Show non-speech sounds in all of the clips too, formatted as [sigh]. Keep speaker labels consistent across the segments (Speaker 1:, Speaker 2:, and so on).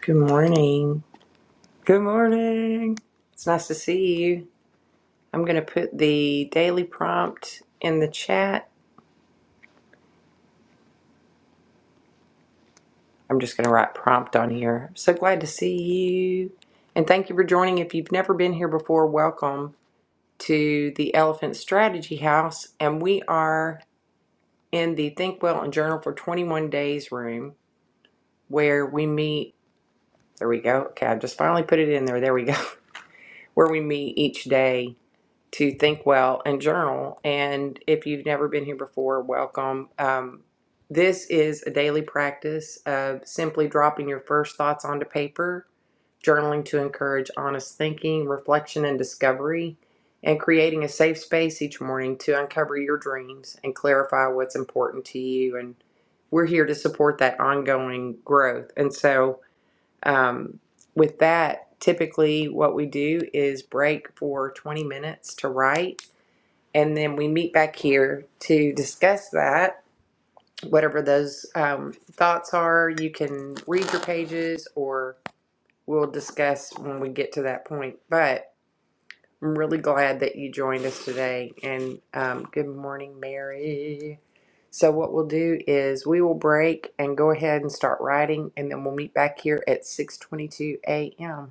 Speaker 1: Good morning. Good morning. It's nice to see you. I'm going to put the daily prompt in the chat. I'm just going to write prompt on here. So glad to see you. And thank you for joining. If you've never been here before, welcome to the Elephant Strategy House. And we are in the Think Well and Journal for 21 Days room where we meet. There we go. Okay, I just finally put it in there. There we go. [laughs] Where we meet each day to think well and journal. And if you've never been here before, welcome. Um, this is a daily practice of simply dropping your first thoughts onto paper, journaling to encourage honest thinking, reflection, and discovery, and creating a safe space each morning to uncover your dreams and clarify what's important to you. And we're here to support that ongoing growth. And so, um, with that, typically what we do is break for 20 minutes to write, and then we meet back here to discuss that. Whatever those um, thoughts are, you can read your pages or we'll discuss when we get to that point. But I'm really glad that you joined us today. And um, good morning, Mary. So, what we'll do is we will break and go ahead and start writing, and then we'll meet back here at 6:22 a.m.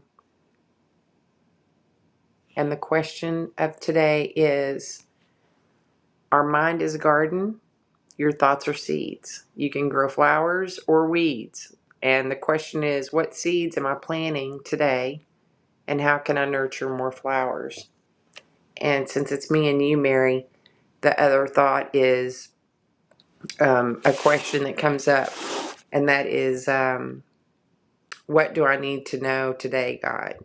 Speaker 1: And the question of today is Our mind is a garden, your thoughts are seeds. You can grow flowers or weeds. And the question is What seeds am I planting today, and how can I nurture more flowers? And since it's me and you, Mary, the other thought is um, a question that comes up, and that is um, What do I need to know today, God?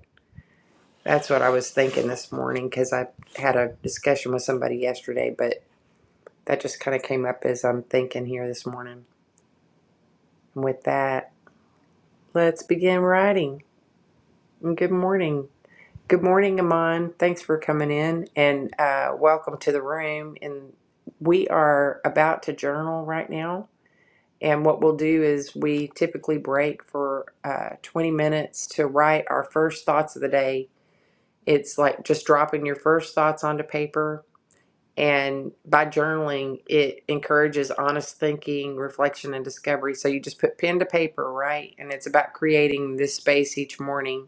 Speaker 1: That's what I was thinking this morning because I had a discussion with somebody yesterday, but That just kind of came up as I'm thinking here this morning. And with that, let's begin writing. And good morning. Good morning, Amon. Thanks for coming in and uh, welcome to the room. And we are about to journal right now. And what we'll do is we typically break for uh, 20 minutes to write our first thoughts of the day. It's like just dropping your first thoughts onto paper And by journaling, it encourages honest thinking, reflection, and discovery. So you just put pen to paper, right? And it's about creating this space each morning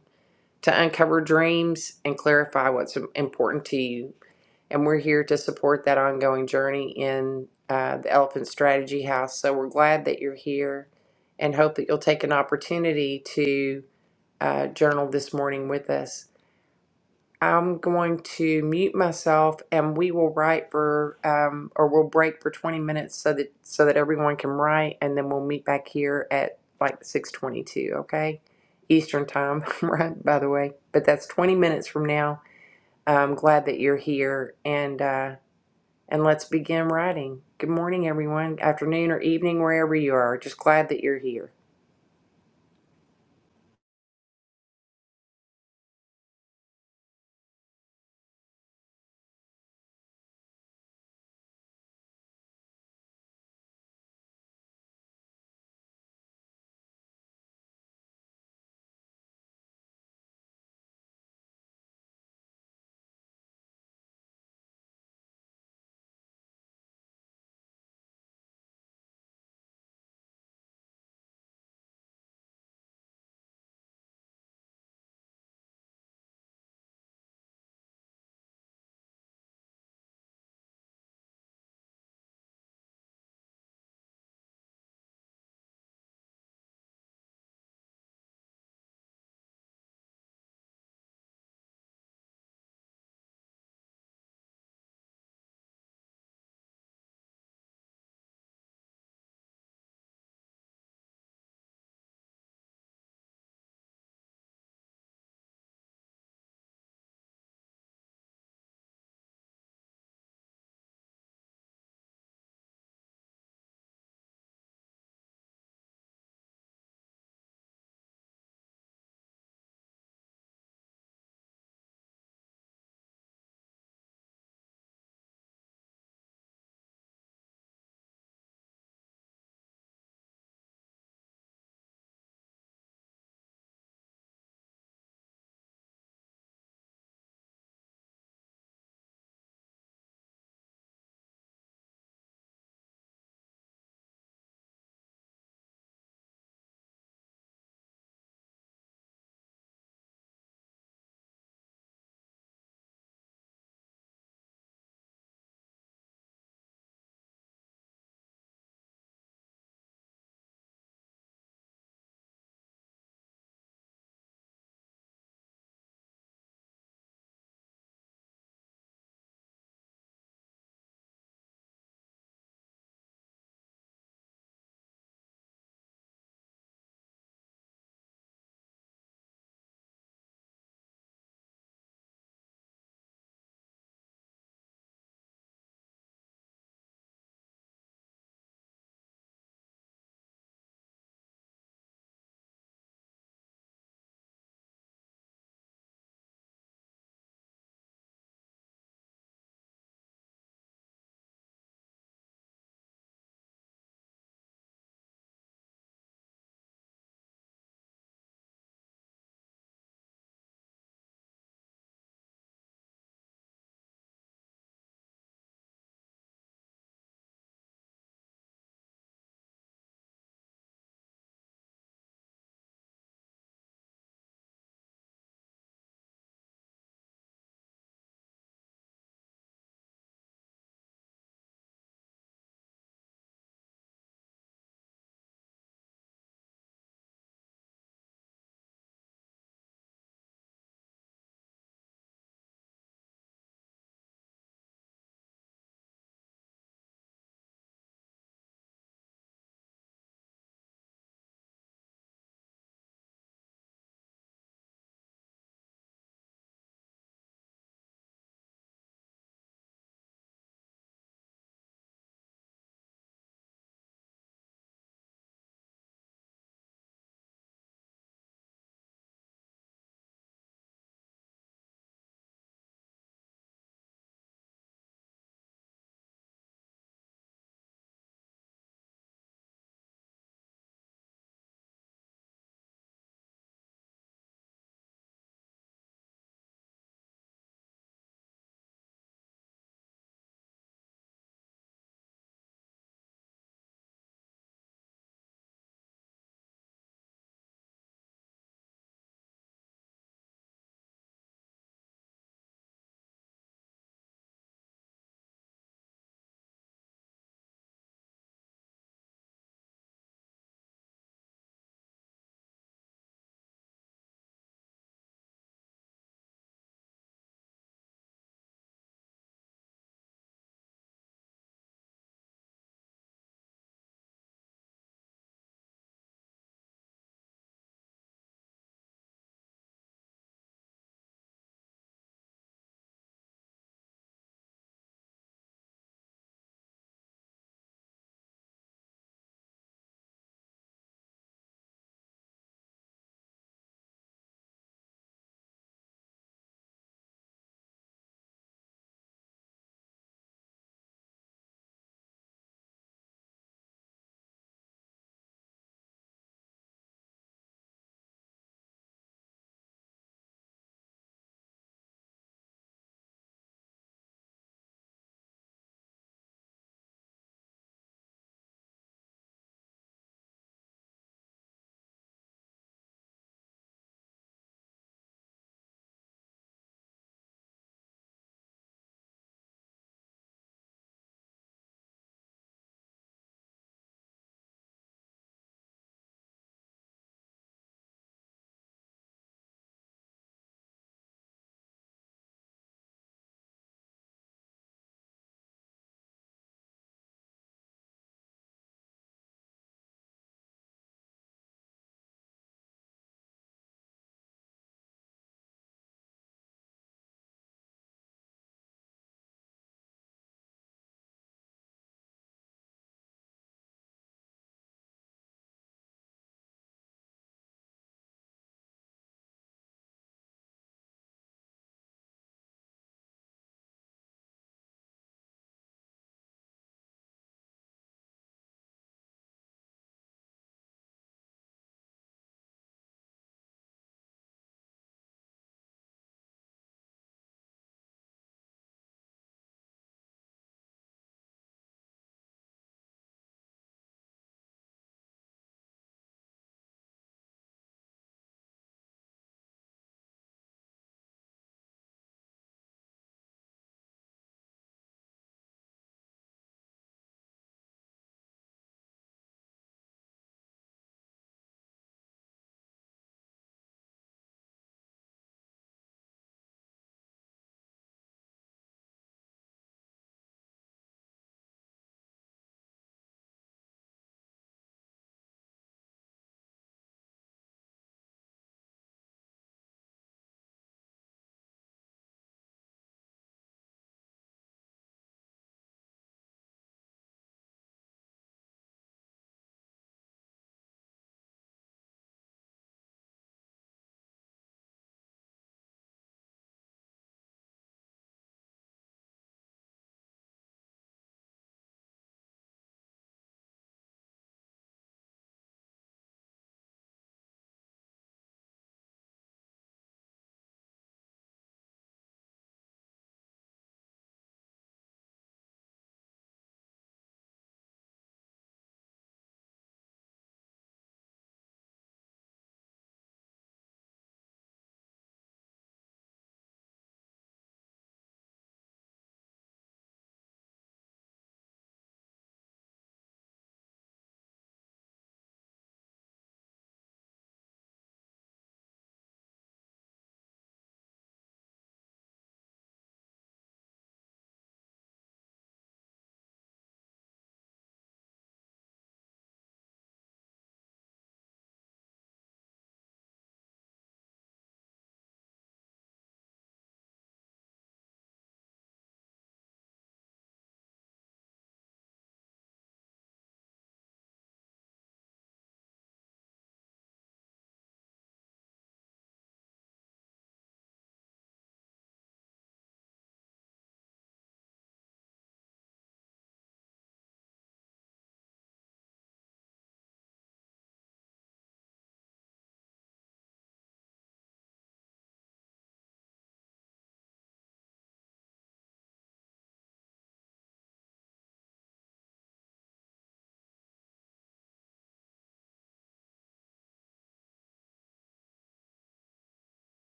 Speaker 1: to uncover dreams and clarify what's important to you. And we're here to support that ongoing journey in uh, the Elephant Strategy House. So we're glad that you're here and hope that you'll take an opportunity to uh, journal this morning with us. I'm going to mute myself and we will write for um, or we'll break for 20 minutes so that so that everyone can write and then we'll meet back here at like 6:22, okay? Eastern time, [laughs] right, by the way. But that's 20 minutes from now. I'm glad that you're here and uh and let's begin writing. Good morning everyone, afternoon or evening wherever you are. Just glad that you're here.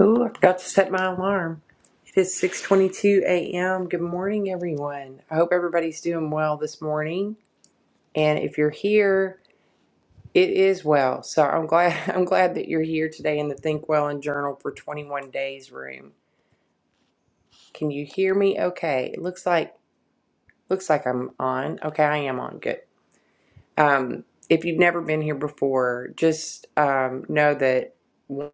Speaker 1: Ooh, I forgot to set my alarm. It is 6:22 a.m. Good morning, everyone. I hope everybody's doing well this morning. And if you're here, it is well. So I'm glad [laughs] I'm glad that you're here today in the Think Well and Journal for 21 Days room. Can you hear me? Okay. It looks like looks like I'm on. Okay, I am on. Good. Um, if you've never been here before, just um, know that one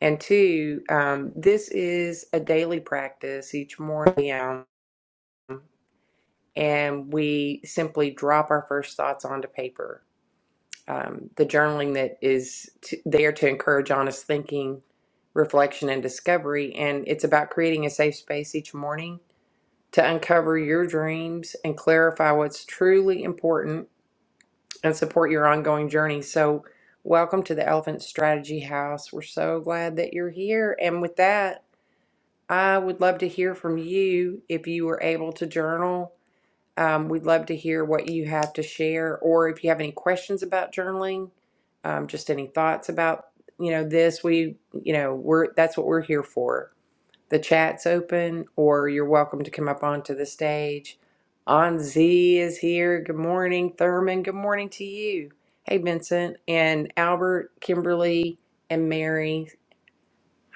Speaker 1: and two, um, this is a daily practice each morning. Um, and we simply drop our first thoughts onto paper. Um, the journaling that is t- there to encourage honest thinking, reflection, and discovery. And it's about creating a safe space each morning to uncover your dreams and clarify what's truly important and support your ongoing journey. So, welcome to the Elephant Strategy House. We're so glad that you're here. And with that, I would love to hear from you if you were able to journal Um, we'd love to hear what you have to share, or if you have any questions about journaling, um, just any thoughts about you know this. We you know we're that's what we're here for. The chat's open, or you're welcome to come up onto the stage. On Z is here. Good morning, Thurman. Good morning to you. Hey, Vincent and Albert, Kimberly and Mary.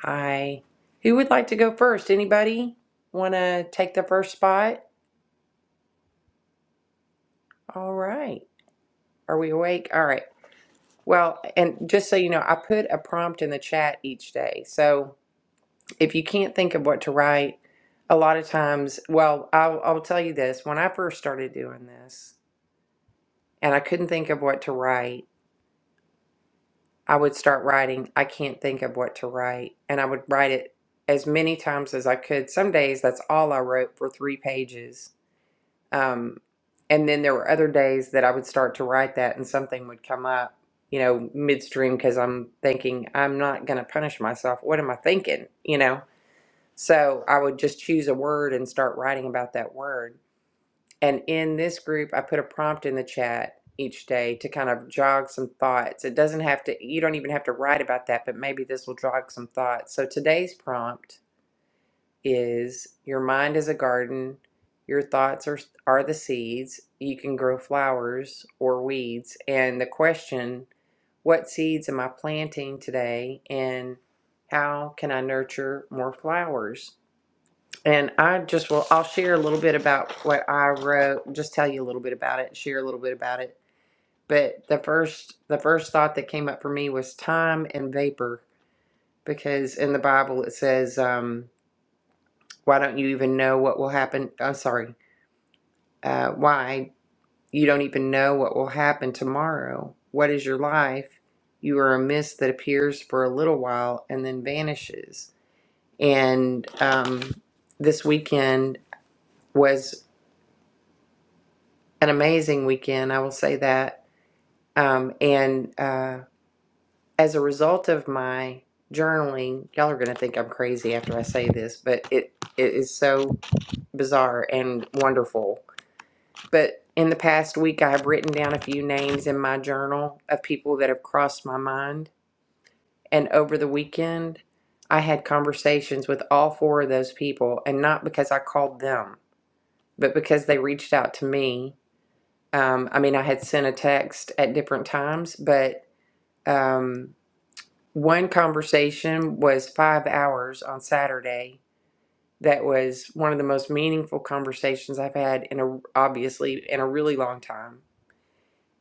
Speaker 1: Hi. Who would like to go first? Anybody want to take the first spot? All right. Are we awake? All right. Well, and just so you know, I put a prompt in the chat each day. So if you can't think of what to write, a lot of times, well, I'll, I'll tell you this. When I first started doing this and I couldn't think of what to write, I would start writing, I can't think of what to write. And I would write it as many times as I could. Some days, that's all I wrote for three pages. Um, and then there were other days that I would start to write that and something would come up, you know, midstream because I'm thinking, I'm not going to punish myself. What am I thinking? You know? So I would just choose a word and start writing about that word. And in this group, I put a prompt in the chat each day to kind of jog some thoughts. It doesn't have to, you don't even have to write about that, but maybe this will jog some thoughts. So today's prompt is your mind is a garden, your thoughts are are the seeds. You can grow flowers or weeds and the question, what seeds am I planting today and how can I nurture more flowers? And I just will I'll share a little bit about what I wrote, just tell you a little bit about it, share a little bit about it. But the first the first thought that came up for me was time and vapor because in the Bible it says um why don't you even know what will happen? I'm sorry. Uh, why you don't even know what will happen tomorrow? What is your life? You are a mist that appears for a little while and then vanishes. And um, this weekend was an amazing weekend. I will say that. Um, and uh, as a result of my journaling, y'all are going to think I'm crazy after I say this, but it, it is so bizarre and wonderful but in the past week, I have written down a few names in my journal of people that have crossed my mind. And over the weekend, I had conversations with all four of those people, and not because I called them, but because they reached out to me. Um, I mean, I had sent a text at different times, but um, one conversation was five hours on Saturday. That was one of the most meaningful conversations I've had in a obviously in a really long time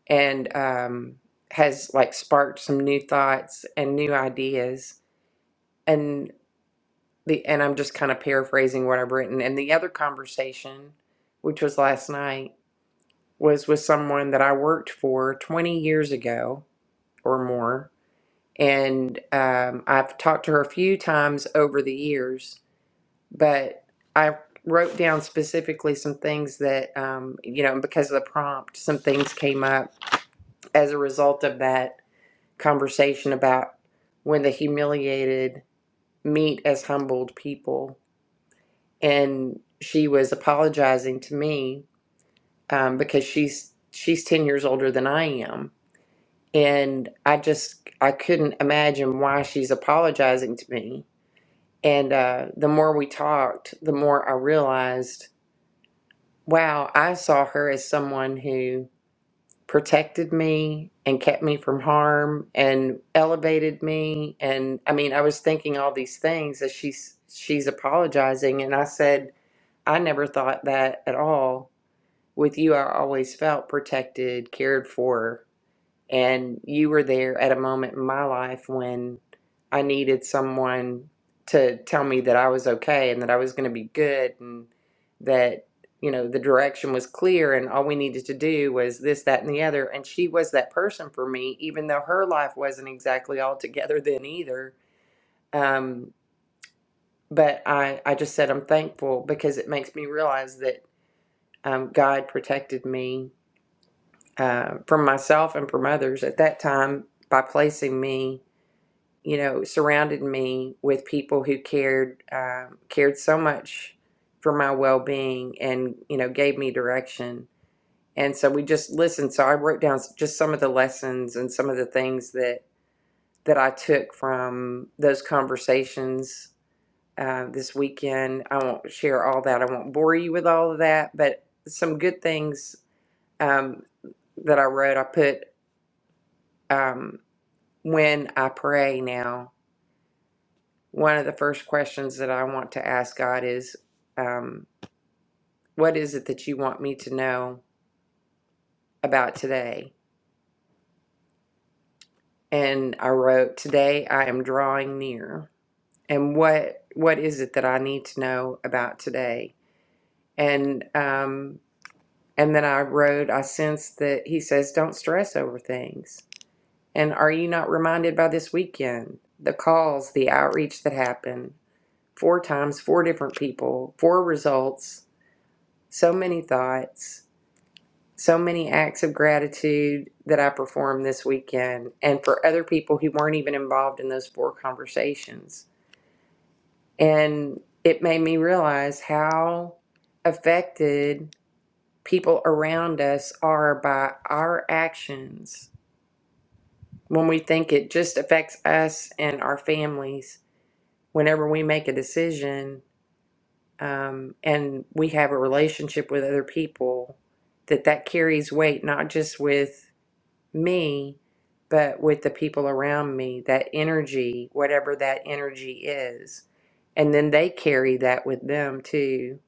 Speaker 1: and um, has like sparked some new thoughts and new ideas. And the and I'm just kind of paraphrasing what I've written. And the other conversation, which was last night, was with someone that I worked for 20 years ago or more. And um, I've talked to her a few times over the years, but I wrote down specifically some things that, um, you know, because of the prompt, some things came up as a result of that conversation about when the humiliated meet as humbled people, and she was apologizing to me um, because she's she's ten years older than I am, and I just I couldn't imagine why she's apologizing to me. And uh, the more we talked, the more I realized, wow, I saw her as someone who protected me and kept me from harm and elevated me and i mean i was thinking all these things as she's she's apologizing and i said i never thought that at all with you i always felt protected cared for and you were there at a moment in my life when I needed someone to tell me that I was okay and that I was going to be good and that, you know, the direction was clear and all we needed to do was this, that, and the other. And she was that person for me, even though her life wasn't exactly all together then either. Um, but I, I just said I'm thankful because it makes me realize that um, God protected me uh, from myself and from others at that time by placing me you know, surrounded me with people who cared um, cared so much for my well being, and you know, gave me direction. And so we just listened. So I wrote down just some of the lessons and some of the things that that I took from those conversations uh, this weekend. I won't share all that. I won't bore you with all of that, but some good things um, that I wrote. I put um, when I pray now. one of the first questions that I want to ask God is, um, What is it that you want me to know about today? And I wrote, Today I am drawing near. And what what is it that I need to know about today? And um, and then I wrote, I sense that he says, Don't stress over things. And are you not reminded by this weekend? The calls, the outreach that happened, four times, four different people, four results, so many thoughts so many acts of gratitude that I performed this weekend and for other people who weren't even involved in those four conversations. And it made me realize how affected people around us are by our actions when we think it just affects us and our families whenever we make a decision um, and we have a relationship with other people that that carries weight not just with me, but with the people around me, that energy, whatever that energy is. And then they carry that with them too.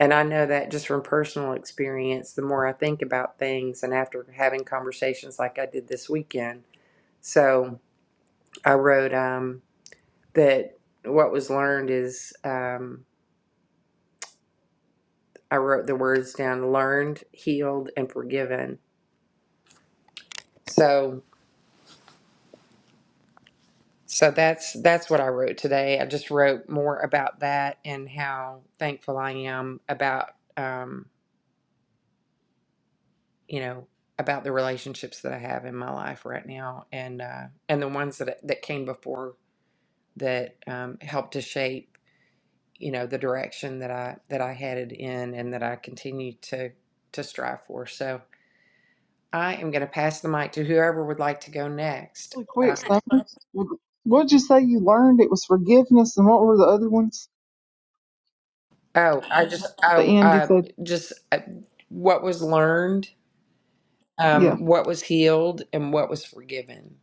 Speaker 1: And I know that just from personal experience, the more I think about things and after having conversations like I did this weekend. So I wrote um, that what was learned is um, I wrote the words down learned, healed, and forgiven. So So that's that's what I wrote today. I just wrote more about that and how thankful I am about um, you know about the relationships that I have in my life right now and uh, and the ones that that came before that um, helped to shape you know the direction that I that I headed in and that I continue to to strive for. So I am going to pass the mic to whoever would like to go next.
Speaker 2: Really quick,
Speaker 1: Um,
Speaker 2: Summer. What'd you say you learned? It was forgiveness, and what were the other ones?
Speaker 1: oh, I just
Speaker 2: At the
Speaker 1: oh
Speaker 2: end, you
Speaker 1: I
Speaker 2: said,
Speaker 1: just uh, what was learned
Speaker 2: "Yeah,
Speaker 1: um, what was healed and what was forgiven.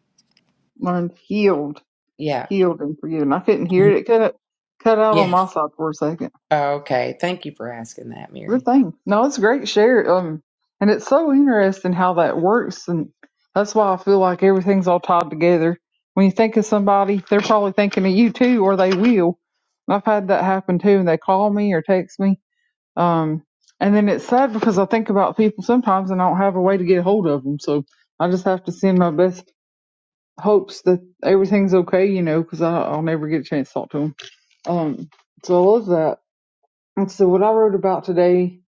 Speaker 2: learned healed,
Speaker 1: Yeah.
Speaker 2: healed, and forgiven." I couldn't hear
Speaker 1: Mhm.
Speaker 2: it. It cut cut out on
Speaker 1: Yeah.
Speaker 2: my side for a second.
Speaker 1: Oh, okay. Thank you for asking that,
Speaker 2: Good
Speaker 1: Mary.
Speaker 2: thing. No, it's a great share. Um, and it's so interesting how that works, and that's why I feel like everything's all tied together. When you think of somebody, they're probably thinking of you too, or they will. And I've had that happen too, and they call me or text me Um, and then it's sad because I think about people sometimes and I don't have a way to get a hold of them. So I just have to send my best hopes that everything's okay, you know, because I'll never get a chance to talk to them. Um, so I love that. And so what I wrote about today,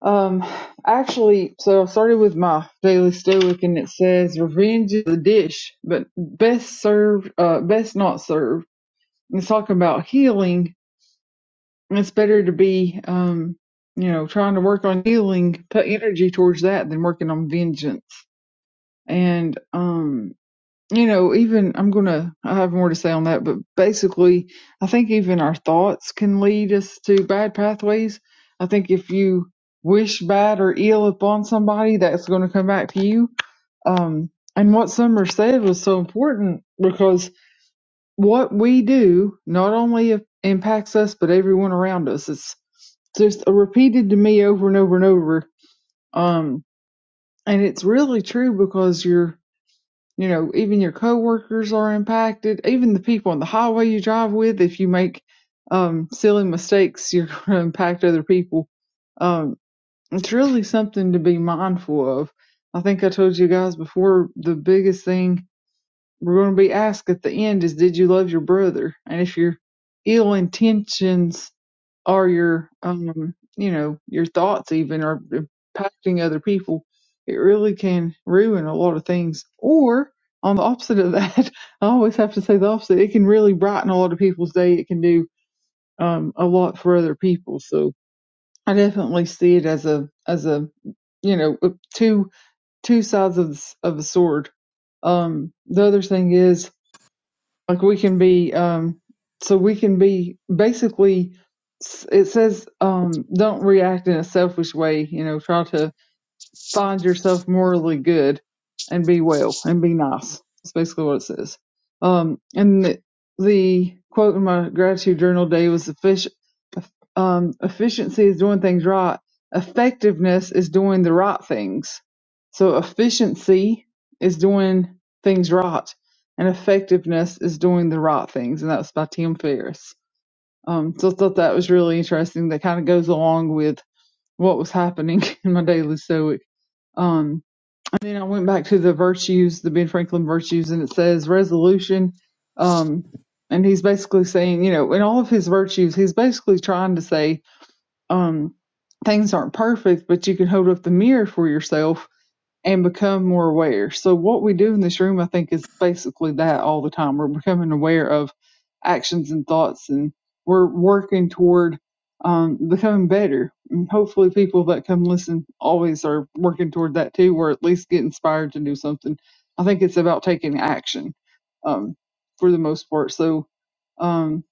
Speaker 2: um, actually, so I started with my daily stoic and it says revenge is a dish, but best served, uh, best not served. And it's talking about healing And it's better to be, um, you know, trying to work on healing, put energy towards that than working on vengeance. And, um, you know, even I'm going to, I have more to say on that, but basically, I think even our thoughts can lead us to bad pathways. I think if you wish bad or ill upon somebody, that's going to come back to you. Um, and what Summer said was so important because what we do not only impacts us but everyone around us. It's just repeated to me over and over and over. Um, and it's really true because your, you know, even your coworkers are impacted. Even the people on the highway you drive with, if you make um, silly mistakes, [laughs] you're going to impact other people. Um, it's really something to be mindful of. I think I told you guys before the biggest thing we're going to be asked at the end is did you love your brother and if your ill intentions are your um you know your thoughts even are impacting other people it really can ruin a lot of things or on the opposite of that [laughs] i always have to say the opposite it can really brighten a lot of people's day it can do um a lot for other people so i definitely see it as a as a you know uh, two two sides of the, s- of a sword um, the other thing is like we can be um so we can be basically it says um don't react in a selfish way you know try to find yourself morally good and be well and be nice. That's basically what it says. Um, and the, the quote in my gratitude journal day was efficient, um, efficiency is doing things right. Effectiveness is doing the right things. So efficiency is doing things right and effectiveness is doing the right things. And that was by Tim Ferriss. Um, so I thought that was really interesting. That kind of goes along with what was happening [laughs] in my daily stoic. Um, then I went back to the virtues, the Ben Franklin virtues, and it says resolution. Um, and he's basically saying, you know, in all of his virtues, he's basically trying to say um, things aren't perfect, but you can hold up the mirror for yourself and become more aware. So what we do in this room, I think, is basically that all the time. We're becoming aware of actions and thoughts, and we're working toward um, becoming better. And hopefully, people that come listen always are working toward that too, or at least get inspired to do something. I think it's about taking action um, for the most part. So, um,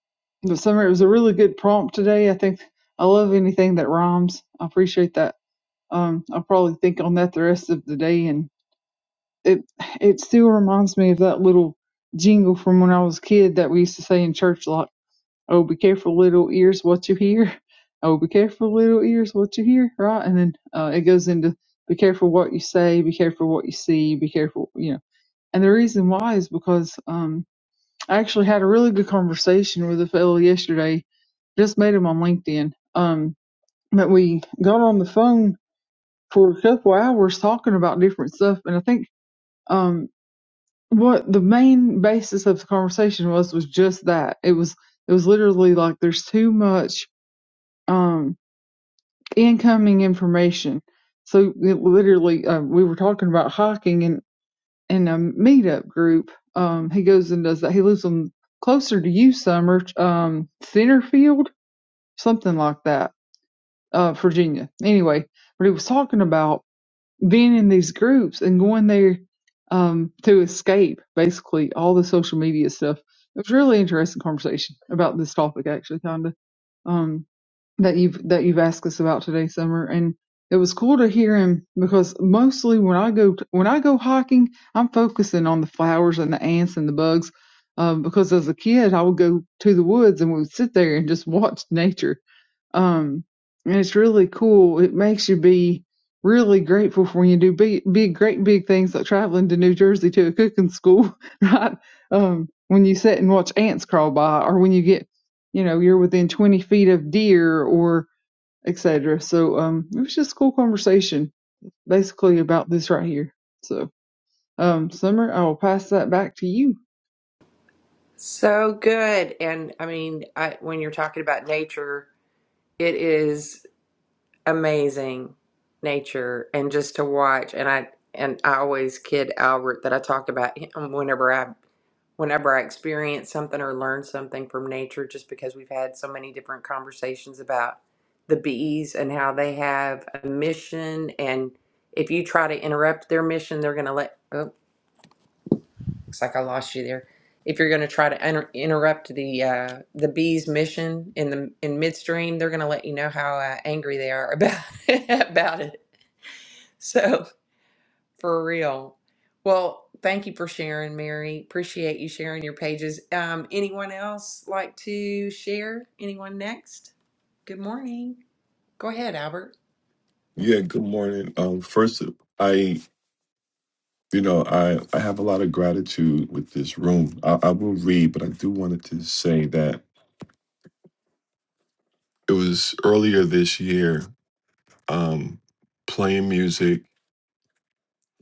Speaker 2: but summer, it was a really good prompt today. I think I love anything that rhymes. I appreciate that um, I'll probably think on that the rest of the day, and it it still reminds me of that little jingle from when I was a kid that we used to say in church a lot. Oh, be careful, little ears, what you hear. [laughs] Oh, be careful, little ears, what you hear. Right, and then uh, it goes into be careful what you say, be careful what you see, be careful, you know. And the reason why is because um, I actually had a really good conversation with a fellow yesterday. Just met him on LinkedIn. Um, but we got on the phone for a couple hours talking about different stuff. And I think um, what the main basis of the conversation was was just that it was it was literally like there's too much um, incoming information. So it literally uh, we were talking about hiking and in in a meetup group. Um, he goes and does that. He lives on closer to you, Summer um, Centerfield, something like that, uh, Virginia. Anyway, but he was talking about being in these groups and going there um, to escape basically all the social media stuff. It was a really interesting conversation about this topic, actually, kind of um, that you've that you've asked us about today, Summer. And it was cool to hear him because mostly when I go when I go hiking, I'm focusing on the flowers and the ants and the bugs. Um, because as a kid, I would go to the woods and we would sit there and just watch nature um, and it's really cool. It makes you be really grateful for when you do big, big, great big things like traveling to New Jersey to a cooking school, [laughs] right? Um, when you sit and watch ants crawl by, or when you get, you know, you're within 20 feet of deer or et cetera. So, um, it was just a cool conversation basically about this right here. So, um, Summer, I will pass that back to you.
Speaker 1: So good. And I mean, I, when you're talking about nature, it is. amazing nature and just to watch and I and I always kid Albert that I talk about him whenever I whenever I experience something or learn something from nature just because we've had so many different conversations about the bees and how they have a mission and if you try to interrupt their mission they're going to let oh, Looks like I lost you there. If you're going to try to inter- interrupt the uh, the bee's mission in the in midstream, they're going to let you know how uh, angry they are about [laughs] about it. So for real. Well, thank you for sharing, Mary. Appreciate you sharing your pages. Um, anyone else like to share? Anyone next? Good morning. Go ahead, Albert.
Speaker 3: Yeah, good morning. Um, first, I, you know, I, I have a lot of gratitude with this room. I, I will read, but I do wanted to say that it was earlier this year, um, playing music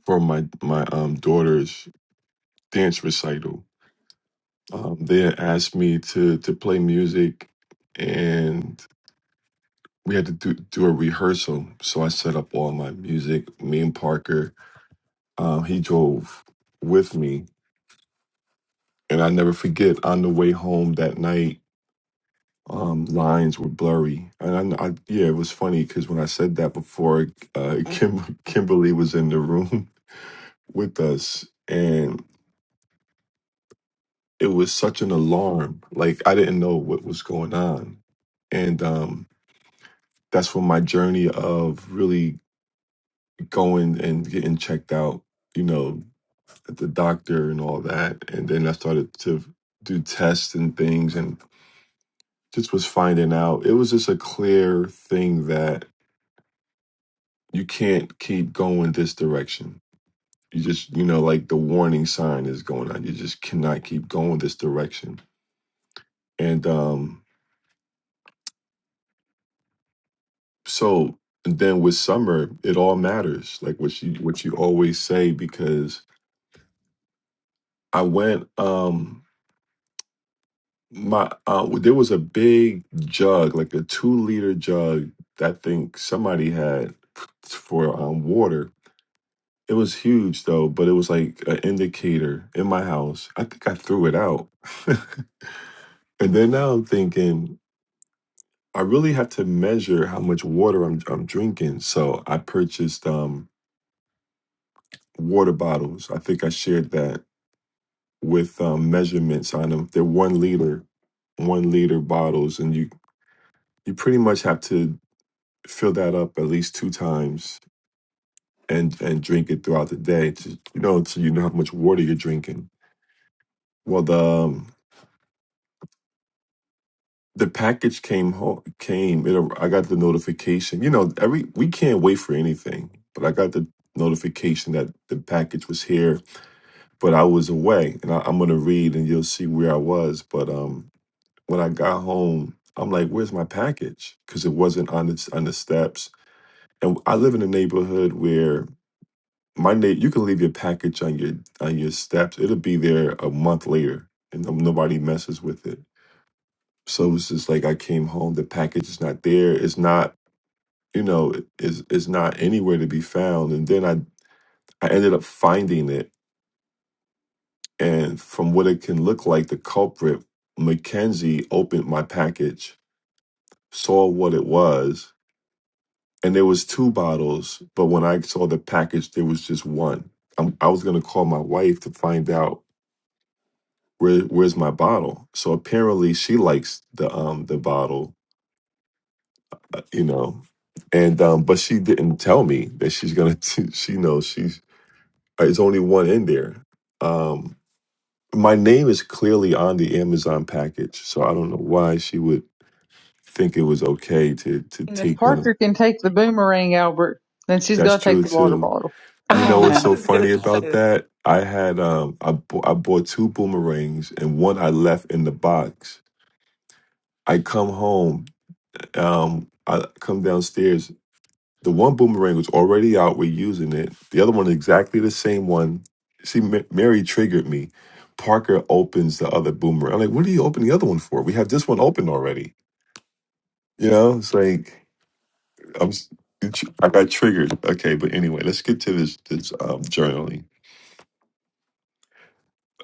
Speaker 3: for my my um daughter's dance recital. Um, they had asked me to to play music, and we had to do do a rehearsal. So I set up all my music. Me and Parker, um, he drove with me And I never forget on the way home that night, um, lines were blurry. And I, I yeah, it was funny because when I said that before, uh, [laughs] Kim, Kimberly was in the room [laughs] with us, and it was such an alarm. Like I didn't know what was going on, and um, that's when my journey of really going and getting checked out, you know, at the doctor and all that, and then I started to do tests and things, and. just was finding out it was just a clear thing that you can't keep going this direction you just you know like the warning sign is going on you just cannot keep going this direction and um so and then with summer it all matters like what you what you always say because i went um my uh there was a big jug like a two liter jug that i think somebody had for um water It was huge though, but it was like an indicator in my house. I think I threw it out. [laughs] and then now I'm thinking I really have to measure how much water I'm I'm drinking. So I purchased um water bottles. I think I shared that with um, measurements on them. They're one liter, one liter bottles, and you you pretty much have to fill that up at least two times and and drink it throughout the day to you know so you know how much water you're drinking. Well, the um, the package came home came it ar- i got the notification you know every we can't wait for anything but i got the notification that the package was here but i was away and I, i'm gonna read and you'll see where i was but um when i got home i'm like where's my package because it wasn't on the on the steps and i live in a neighborhood where my na- you can leave your package on your on your steps it'll be there a month later and no, nobody messes with it so it's just like I came home, the package is not there. It's not, you know, is is not anywhere to be found. And then I I ended up finding it, and from what it can look like, the culprit Mackenzie opened my package, saw what it was, and there was two bottles. But when I saw the package, there was just one. I'm, I was gonna call my wife to find out where where's my bottle. So apparently, she likes the um the bottle you know. And um, but she didn't tell me that she's gonna. [laughs] she knows she's. It's only one in there. Um, my name is clearly on the Amazon package, so I don't know why she would think it was okay to to
Speaker 2: And if
Speaker 3: take one of.
Speaker 2: Parker can take the boomerang, Albert, then she's
Speaker 3: That's
Speaker 2: going to take
Speaker 3: true
Speaker 2: the water
Speaker 3: too.
Speaker 2: bottle.
Speaker 1: [laughs]
Speaker 3: You
Speaker 2: Come
Speaker 3: know
Speaker 2: on
Speaker 3: what's
Speaker 2: now.
Speaker 1: I
Speaker 3: so
Speaker 1: was
Speaker 3: funny
Speaker 1: going to say
Speaker 3: about
Speaker 1: that.
Speaker 3: that? I had um, I bo- I bought two boomerangs and one I left in the box. I come home, um, I come downstairs The one boomerang was already out. We're using it. The other one, exactly the same one. See, Ma- Mary triggered me. Parker opens the other boomerang. I'm like, what do you open the other one for? We have this one open already. You know, it's like I'm. s- it's- I got triggered. Okay, but anyway, let's get to this this um, journaling.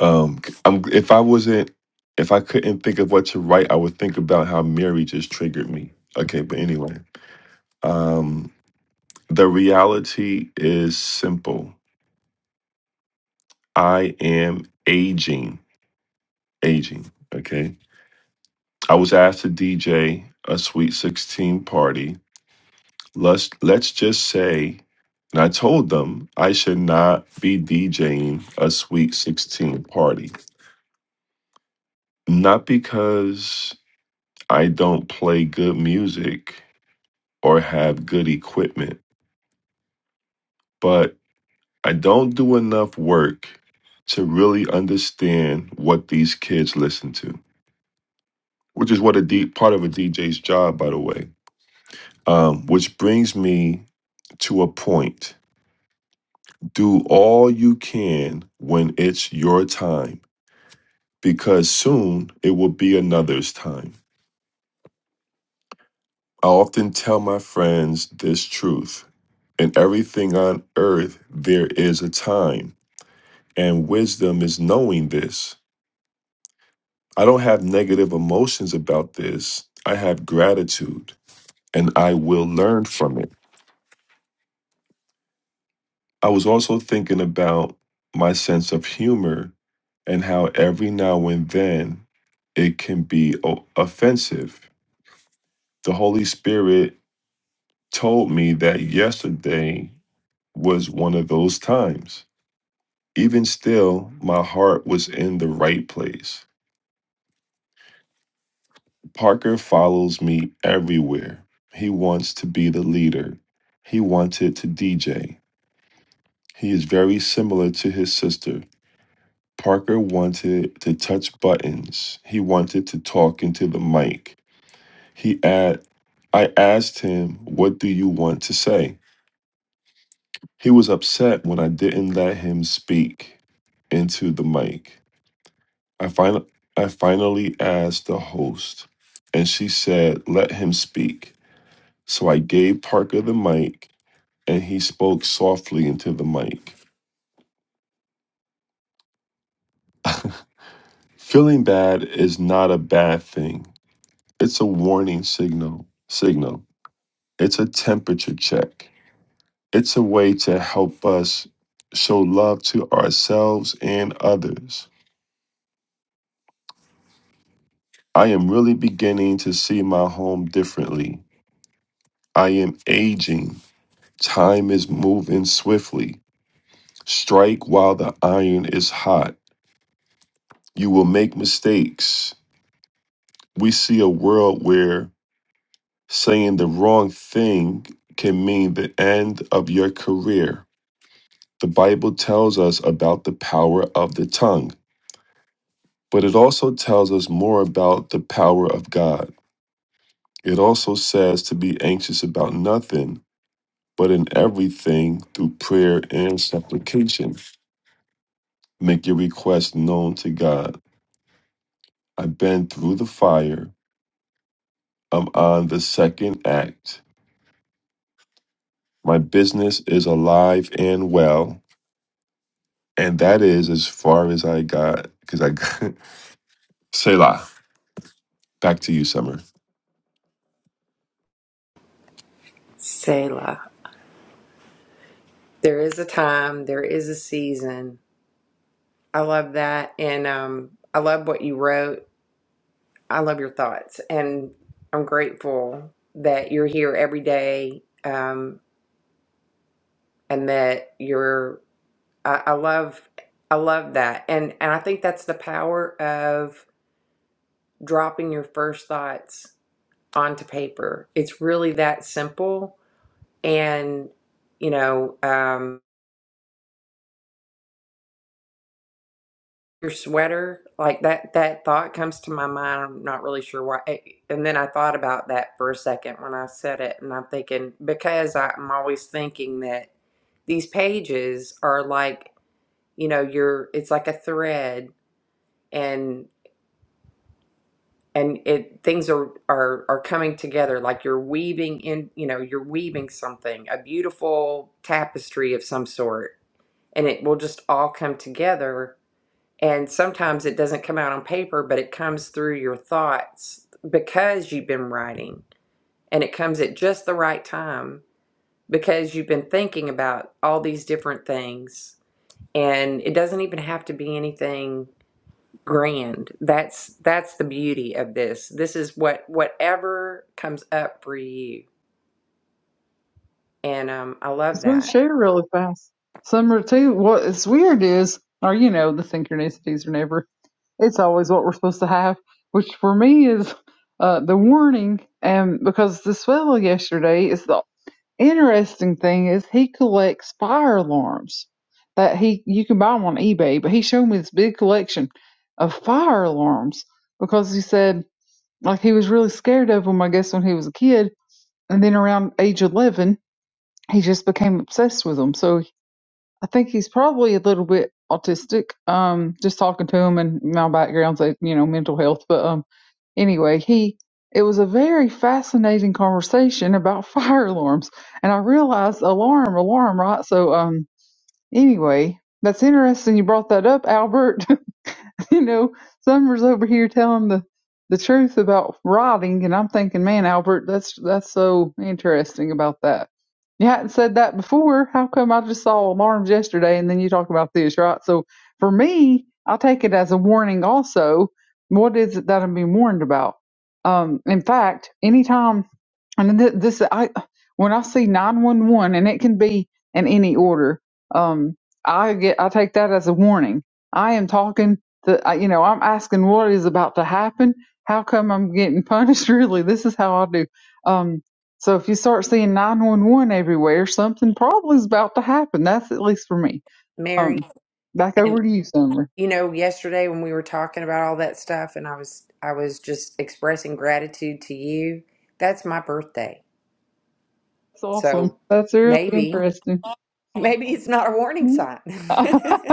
Speaker 3: Um, I'm, if I wasn't, if I couldn't think of what to write, I would think about how Mary just triggered me. Okay, but anyway, um, the reality is simple. I am aging. Aging. Okay. I was asked to DJ a Sweet 16 party. Let's let's just say, and I told them I should not be DJing a Sweet 16 party. Not because I don't play good music or have good equipment, but I don't do enough work to really understand what these kids listen to, which is what a deep part of a DJ's job, by the way Um, which brings me to a point. Do all you can when it's your time, because soon it will be another's time. I often tell my friends this truth. In everything on earth, there is a time, and wisdom is knowing this. I don't have negative emotions about this. I have gratitude, and I will learn from it. I was also thinking about my sense of humor and how every now and then it can be o- offensive. The Holy Spirit told me that yesterday was one of those times. Even still, my heart was in the right place. Parker follows me everywhere. He wants to be the leader. He wanted to DJ. He is very similar to his sister. Parker wanted to touch buttons. He wanted to talk into the mic. He asked, I asked him, What do you want to say? He was upset when I didn't let him speak into the mic. I, fin- I finally asked the host, and she said, Let him speak. So I gave Parker the mic, and he spoke softly into the mic. Feeling bad is not a bad thing, it's a warning signal. Signal. It's a temperature check. It's a way to help us show love to ourselves and others. I am really beginning to see my home differently. I am aging. Time is moving swiftly. Strike while the iron is hot. You will make mistakes. We see a world where saying the wrong thing can mean the end of your career. The Bible tells us about the power of the tongue. But it also tells us more about the power of God. It also says to be anxious about nothing, but in everything through prayer and supplication. Make your request known to God. I've been through the fire. I'm on the second act. My business is alive and well. And that is as far as I got, because I got [laughs] Selah. Back to you, Summer.
Speaker 1: Selah. There is a time. There is a season I love that. And um, I love what you wrote. I love your thoughts. And I'm grateful that you're here every day um, and that you're, I, I love, I love that. And, and I think that's the power of dropping your first thoughts onto paper. It's really that simple. And, you know, um, your sweater like that that thought comes to my mind i'm not really sure why eh, and then i thought about that for a second when i said it and i'm thinking because I, i'm always thinking that these pages are like you know you're it's like a thread and and it things are are are coming together like you're weaving in you know you're weaving something a beautiful tapestry of some sort and it will just all come together And sometimes it doesn't come out on paper, but it comes through your thoughts because you've been writing. And it comes at just the right time because you've been thinking about all these different things. And it doesn't even have to be anything grand. That's that's the beauty of this. This is what whatever comes up for you. And um, I
Speaker 2: was
Speaker 1: love
Speaker 2: going to
Speaker 1: that.
Speaker 2: share really fast. Summer too. What's weird is, or you know, the synchronicities are never. It's always what we're supposed to have, which for me is uh, the warning. And because this fellow yesterday is the interesting thing is he collects fire alarms that he you can buy them on eBay, but he showed me this big collection of fire alarms because he said like he was really scared of them. I guess when he was a kid, and then around age eleven, he just became obsessed with them. So I think he's probably a little bit autistic. Um, just talking to him and my background's like, you know mental health, but um, anyway, he it was a very fascinating conversation about [laughs] fire alarms, and I realized alarm, alarm, right? So um, anyway, that's interesting. You brought that up, Albert. [laughs] you know, Summer's over here telling the the truth about rotting, and I'm thinking, man, Albert, that's that's so interesting about that. You hadn't said that before. How come I just saw alarms yesterday, and then you talk about this, right? So for me, I take it as a warning. Also, what is it that I'm being warned about? Um, in fact, anytime and th- this, I when I see nine one one, and it can be in any order. Um, I get, I take that as a warning. I am talking to, I- you know, I'm asking what is about to happen. How come I'm getting punished? [laughs] Really, this is how I do. Um, so if you start seeing nine one one everywhere, something probably is about to happen. That's at least for me.
Speaker 1: Mary.
Speaker 2: Um, back
Speaker 1: and.
Speaker 2: over to you, Summer.
Speaker 1: you know, yesterday when we were talking about all that stuff and I was I was just expressing gratitude to you, that's my birthday.
Speaker 2: That's awesome.
Speaker 1: So
Speaker 2: That's really
Speaker 1: maybe
Speaker 2: interesting.
Speaker 1: [laughs] maybe it's not a warning
Speaker 2: [laughs]
Speaker 1: sign.
Speaker 2: oh,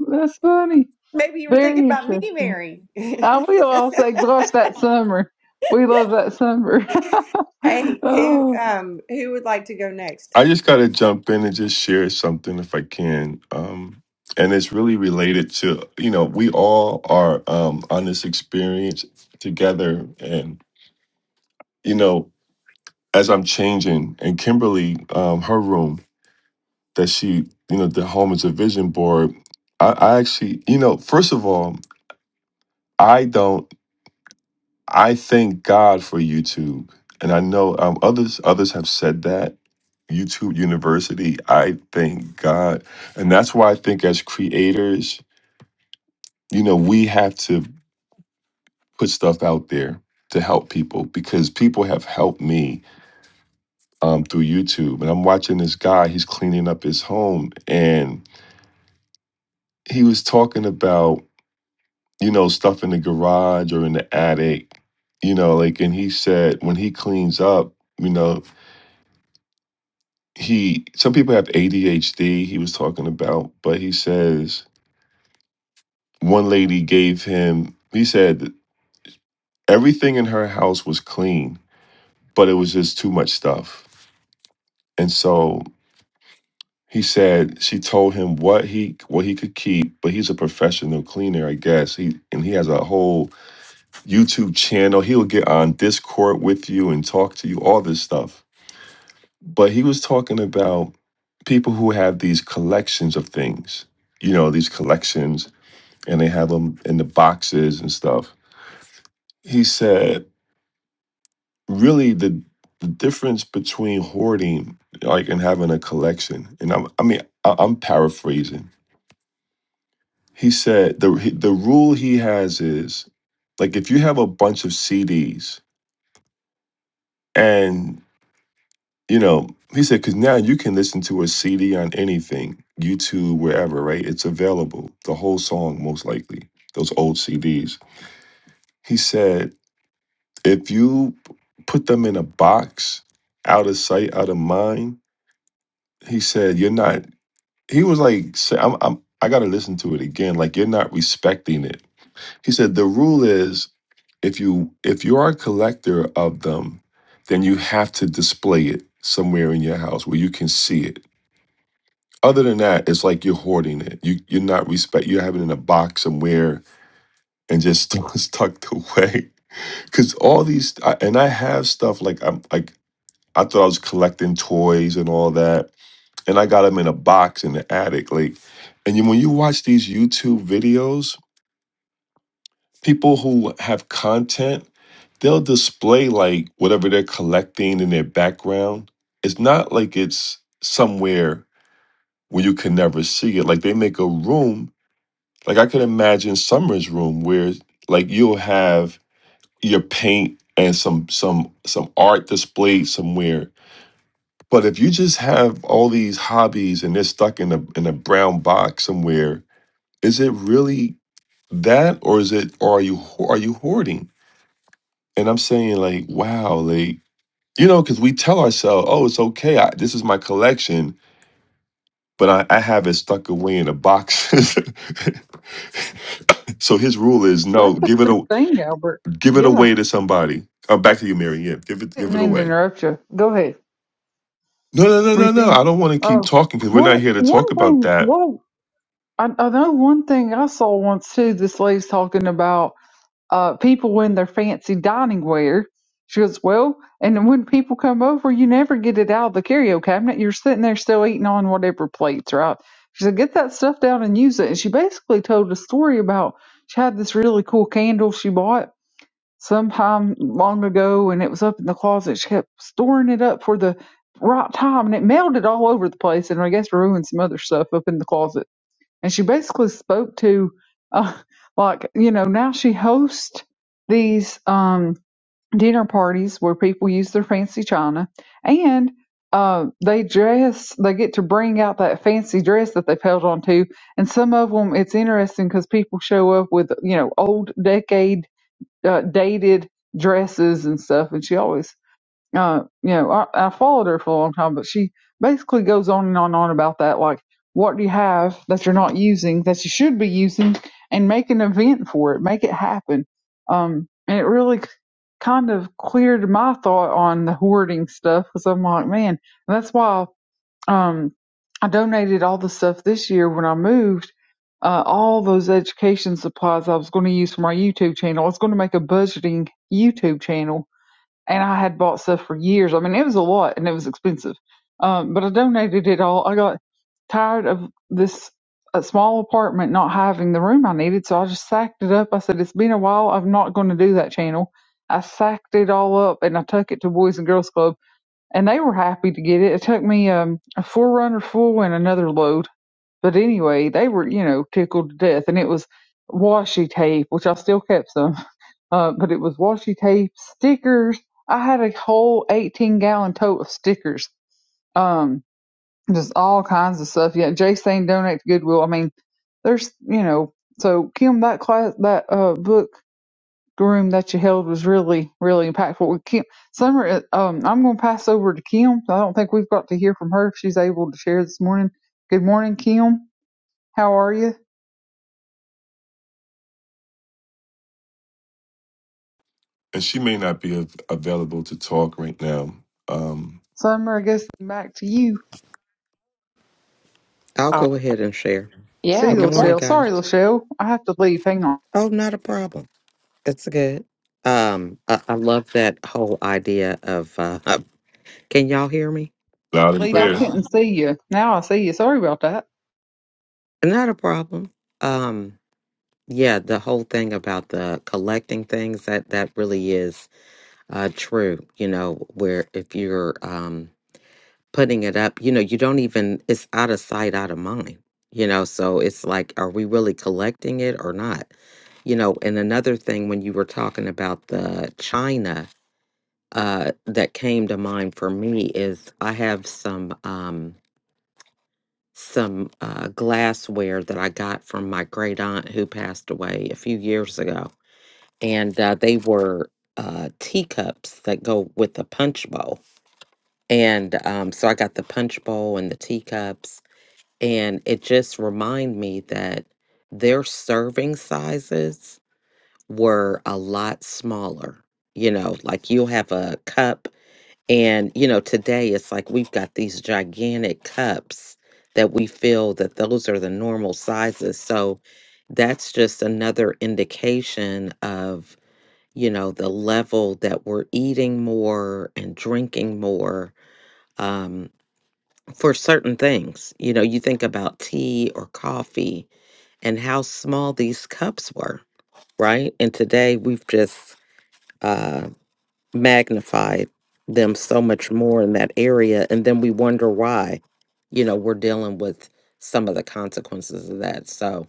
Speaker 2: no, that's funny.
Speaker 1: [laughs] maybe you were thinking
Speaker 2: Very
Speaker 1: about me,
Speaker 2: interesting.
Speaker 1: Mary. [laughs]
Speaker 2: I will all say, gosh, that summer. We love that summer. [laughs]
Speaker 1: hey, who
Speaker 2: oh,
Speaker 1: um who would like to go next?
Speaker 3: I just gotta jump in and just share something if I can. Um, and it's really related to, you know, we all are um, on this experience together. And, you know, as I'm changing and Kimberly, um, her room that she, you know, the home is a vision board. I, I actually, you know, first of all, I don't. I thank God for YouTube, and I know um, others others have said that YouTube University. I thank God, and that's why I think as creators, you know, we have to put stuff out there to help people because people have helped me um, through YouTube, and I'm watching this guy. He's cleaning up his home, and he was talking about you know stuff in the garage or in the attic, you know, like, and he said when he cleans up. You know, he some people have ADHD he was talking about, but he says one lady gave him he said everything in her house was clean, but it was just too much stuff. And so he said she told him what he what he could keep, but he's a professional cleaner, I guess. He and he has a whole YouTube channel. He'll get on Discord with you and talk to you all this stuff. But he was talking about people who have these collections of things you know these collections and they had them in the boxes and stuff. He said, really, the the difference between hoarding, like, and having a collection, and I'm, I mean, I, I'm paraphrasing. He said the he- the rule he has is, like, if you have a bunch of CDs, and you know, he said, because now you can listen to a CD on anything, YouTube, wherever, right? It's available, the whole song, most likely. Those old CDs. He said If you put them in a box, out of sight, out of mind, he said, you're not, he was like, say- I'm, I'm, I got to listen to it again. Like, you're not respecting it. He said, the rule is if you, if you are a collector of them, then you have to display it somewhere in your house where you can see it. Other than that, it's like you're hoarding it. You, you're not respect. You have it in a box somewhere and just [laughs] it's tucked away. Because all these, I, and I have stuff like I'm like I thought I was collecting toys and all that. And I got them in a box in the attic. Like, and you, when you watch these YouTube videos, people who have content, they'll display like whatever they're collecting in their background. It's not like it's somewhere where you can never see it. Like they make a room. Like I could imagine Summer's room where like you'll have your paint and some some some art displayed somewhere But if you just have all these hobbies and they're stuck in a in a brown box somewhere, is it really that, or is it, or are you ho- are you hoarding? And I'm saying like, wow, like you know, because we tell ourselves, oh, it's okay, I, this is my collection, but I, I have it stuck away in a box. [laughs] so his rule is no,
Speaker 2: that's a
Speaker 3: give it
Speaker 2: good
Speaker 3: a
Speaker 2: thing, Albert.
Speaker 3: give it
Speaker 2: Yeah.
Speaker 3: away to somebody. Uh, back to you, Mary. Yeah, give it give
Speaker 2: Didn't
Speaker 3: it
Speaker 2: mean to
Speaker 3: away.
Speaker 2: interrupt you. Go ahead.
Speaker 3: No, no, no,
Speaker 2: Were you
Speaker 3: no, no.
Speaker 2: finished?
Speaker 3: I don't want to keep
Speaker 2: Oh,
Speaker 3: talking because we're not
Speaker 2: well,
Speaker 3: here to talk
Speaker 2: one
Speaker 3: about
Speaker 2: thing,
Speaker 3: that
Speaker 2: well, I, I know one thing I saw once too, this lady's talking about. uh, people in their fancy dining wear. She goes, Well, and when people come over, you never get it out of the carryout cabinet. You're sitting there still eating on whatever plates, right? She said, Get that stuff down and use it. And she basically told a story about she had this really cool candle she bought sometime long ago and it was up in the closet. She kept storing it up for the right time and it melted all over the place and I guess ruined some other stuff up in the closet and she basically spoke to uh, like you know now she hosts these um dinner parties where people use their fancy china and uh, they dress they get to bring out that fancy dress that they've held on to and some of them it's interesting because people show up with you know old decade uh, dated dresses and stuff and she always uh, you know, I, I followed her for a long time, but she basically goes on and on and on about that. Like, what do you have that you're not using that you should be using, and make an event for it, make it happen. Um, and it really k- kind of cleared my thought on the hoarding stuff because I'm like, man, and that's why um, I donated all the stuff this year when I moved. Uh, all those education supplies I was going to use for my YouTube channel. I was going to make a budgeting YouTube channel and I had bought stuff for years. I mean, it was a lot and it was expensive, um, but I donated it all. I got tired of this uh, small apartment not having the room I needed, so I just sacked it up. I said, It's been a while. I'm not going to do that channel. I sacked it all up and I took it to Boys and Girls Club, and they were happy to get it. It took me um, a forerunner full and another load. But anyway, they were, you know, tickled to death, and it was washi tape, which I still kept some uh, but it was washi tape, stickers. I had a whole 18 gallon tote of stickers. Um, just all kinds of stuff. Yeah, Jay saying donate to Goodwill. I mean, there's, you know, so Kim, that class, that, uh, book room that you held was really, really impactful. With Kim, Summer, uh, um, I'm going to pass over to Kim. I don't think we've got to hear from her if she's able to share this morning. Good morning, Kim. How are you?
Speaker 3: and she may not be av- available to talk right now. Um,
Speaker 2: Summer, I guess back to you.
Speaker 4: I'll
Speaker 1: Um,
Speaker 4: go ahead and share.
Speaker 2: See,
Speaker 1: yeah,
Speaker 4: Good
Speaker 1: good
Speaker 4: morning,
Speaker 1: morning.
Speaker 2: Lachelle.
Speaker 4: guys.
Speaker 2: Sorry, Lachelle. I have to leave. Hang on.
Speaker 4: Oh, not a problem. It's good. Um, I, I love that whole idea of. Uh, [laughs] can y'all hear me?
Speaker 3: loud and
Speaker 2: Leave, I
Speaker 3: clear.
Speaker 1: Stephanie.
Speaker 2: couldn't see you. Now I see you. Sorry about that.
Speaker 4: Not a problem. Um, yeah, the whole thing about the collecting things that that really is uh, true. You know, where if you're um, putting it up, you know, you don't even. It's out of sight, out of mind. You know, so it's like, are we really collecting it or not? You know, and another thing when you were talking about the China uh, that came to mind for me is I have some um, some uh, glassware that I got from my great aunt who passed away a few years ago, and uh, they were uh, teacups that go with the punch bowl, and um, so I got the punch bowl and the teacups, and it just reminded me that their serving sizes were a lot smaller. You know, like you'll have a cup, and you know, today it's like we've got these gigantic cups that we feel that those are the normal sizes. So that's just another indication of, you know, the level that we're eating more and drinking more um, for certain things. You know, you think about tea or coffee and how small these cups were, right? And today we've just, uh, magnified them so much more in that area and then we wonder why you know we're dealing with some of the consequences of that so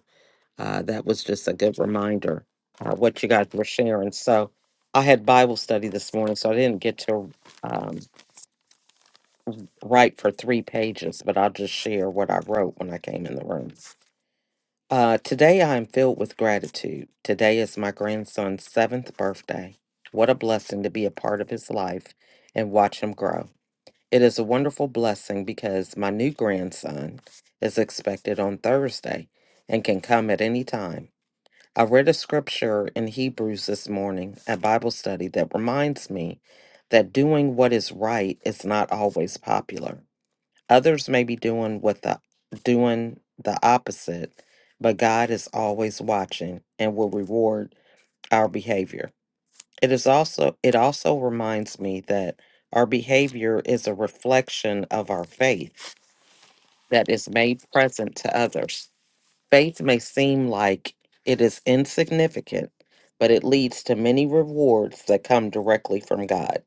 Speaker 4: uh, that was just a good reminder uh, what you guys were sharing so i had bible study this morning so i didn't get to um, write for three pages but i'll just share what i wrote when i came in the room uh, today i am filled with gratitude today is my grandson's seventh birthday what a blessing to be a part of his life and watch him grow It is a wonderful blessing because my new grandson is expected on Thursday and can come at any time. I read a scripture in Hebrews this morning at Bible study that reminds me that doing what is right is not always popular. Others may be doing what the doing the opposite, but God is always watching and will reward our behavior. It is also it also reminds me that our behavior is a reflection of our faith that is made present to others. Faith may seem like it is insignificant, but it leads to many rewards that come directly from God.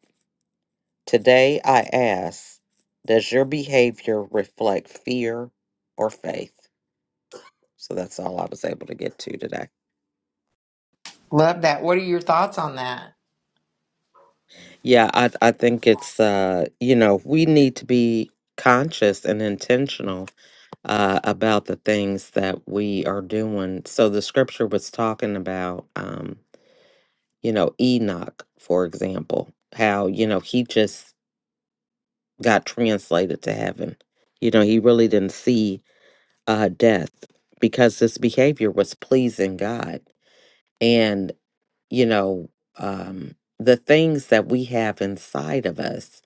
Speaker 4: Today I ask, does your behavior reflect fear or faith? So that's all I was able to get to today.
Speaker 1: Love that. What are your thoughts on that?
Speaker 4: Yeah, I I think it's uh, you know, we need to be conscious and intentional uh, about the things that we are doing. So the scripture was talking about, um, you know, Enoch, for example, how, you know, he just got translated to heaven. You know, he really didn't see uh, death because this behavior was pleasing God. And, you know, um, the things that we have inside of us,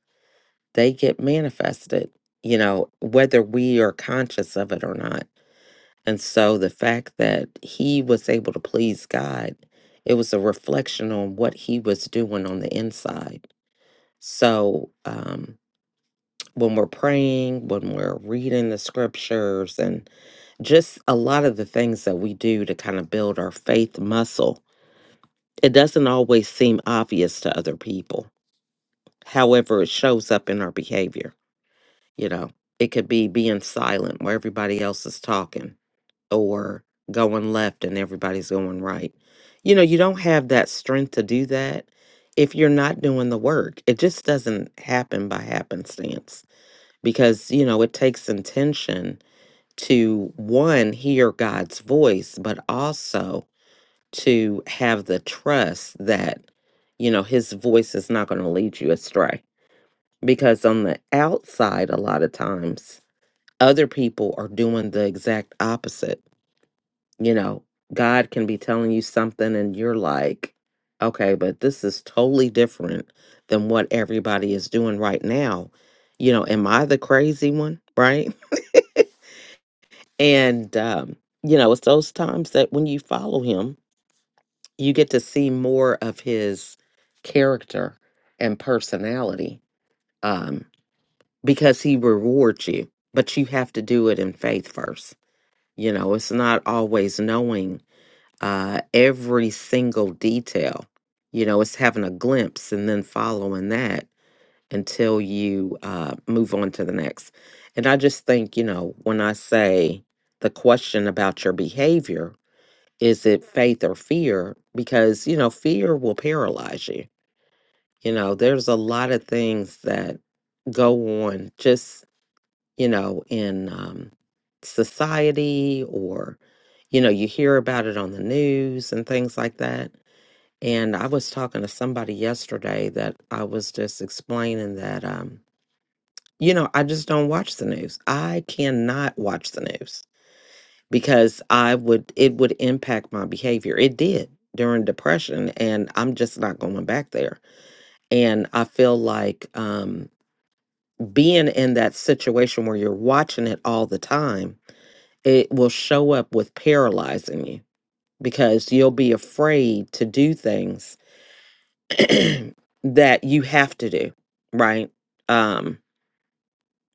Speaker 4: they get manifested, you know, whether we are conscious of it or not And so the fact that he was able to please God, it was a reflection on what he was doing on the inside. So um, when we're praying, when we're reading the scriptures, and just a lot of the things that we do to kind of build our faith muscle, it doesn't always seem obvious to other people. However, it shows up in our behavior. You know, it could be being silent where everybody else is talking or going left and everybody's going right. You know, you don't have that strength to do that if you're not doing the work. It just doesn't happen by happenstance because, you know, it takes intention to one, hear God's voice, but also to have the trust that, you know, his voice is not going to lead you astray. Because on the outside, a lot of times, other people are doing the exact opposite you know, God can be telling you something and you're like, okay, but this is totally different than what everybody is doing right now. You know, am I the crazy one? Right. [laughs] And, um, you know, it's those times that when you follow him, you get to see more of his character and personality um, because he rewards you, but you have to do it in faith first. You know, it's not always knowing uh, every single detail. You know, it's having a glimpse and then following that until you uh, move on to the next. And I just think, you know, when I say the question about your behavior, is it faith or fear? Because, you know, fear will paralyze you. You know, there's a lot of things that go on just, you know, in um, society or, you know, you hear about it on the news and things like that and I was talking to somebody yesterday that I was just explaining that, um, you know, I just don't watch the news. I cannot watch the news because I would, it would impact my behavior. It did during depression, and I'm just not going back there. And I feel like um, being in that situation where you're watching it all the time, it will show up with paralyzing you because you'll be afraid to do things [clears throat] that you have to do, right? Um,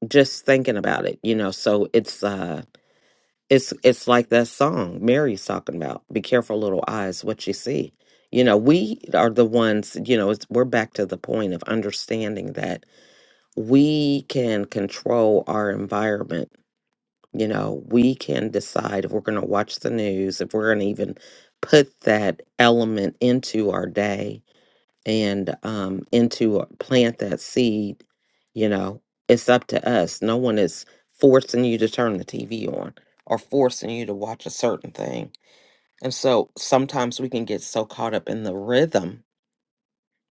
Speaker 4: just thinking about it, you know. So it's uh it's it's like that song Mary's talking about. Be careful, little eyes, what you see. You know, we are the ones. You know, it's, we're back to the point of understanding that we can control our environment. You know, we can decide if we're going to watch the news, if we're going to even put that element into our day and um, into plant that seed, you know, it's up to us. No one is forcing you to turn the TV on or forcing you to watch a certain thing. And so sometimes we can get so caught up in the rhythm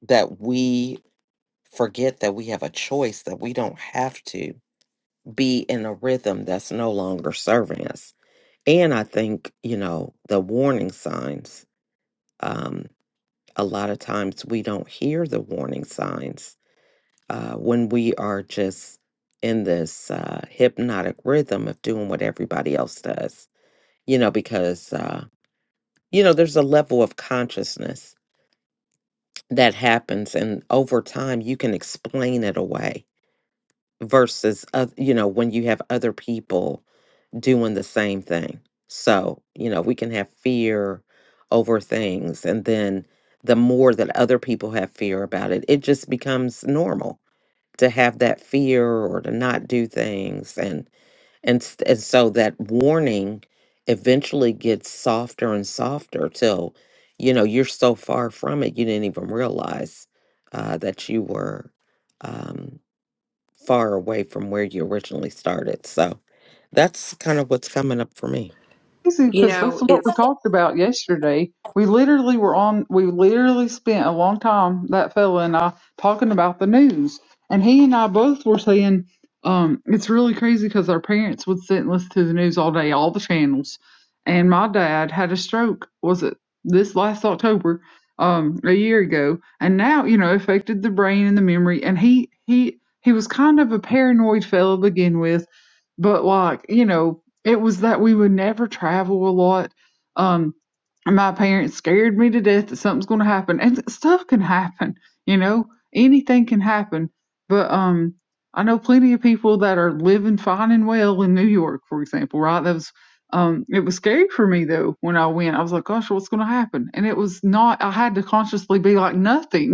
Speaker 4: that we forget that we have a choice, that we don't have to be in a rhythm that's no longer serving us. And I think, you know, the warning signs, um, a lot of times we don't hear the warning signs uh, when we are just in this uh, hypnotic rhythm of doing what everybody else does, you know, because, uh, you know, there's a level of consciousness that happens. And over time, you can explain it away versus, oth- you know, when you have other people doing the same thing. So, you know, we can have fear over things. And then the more that other people have fear about it, it just becomes normal to have that fear or to not do things and and s- and so that warning eventually gets softer and softer till you know you're so far from it you didn't even realize uh, that you were um, far away from where you originally started so that's kind of what's coming up for me
Speaker 2: Easy,
Speaker 1: You
Speaker 2: because that's
Speaker 1: know,
Speaker 2: what
Speaker 1: it's
Speaker 2: we talked about yesterday. We literally were on, we literally spent a long time, that fella and I, talking about the news. And he and I both were saying, um, it's really crazy because our parents would sit and listen to the news all day, all the channels. And my dad had a stroke, was it this last October, um, a year ago. And now, you know, affected the brain and the memory. And he, he, he was kind of a paranoid fellow to begin with but like you know it was that we would never travel a lot um my parents scared me to death that something's going to happen and th- stuff can happen you know anything can happen but um i know plenty of people that are living fine and well in new york for example right that was um it was scary for me though when i went i was like gosh what's going to happen and it was not i had to consciously be like nothing [laughs]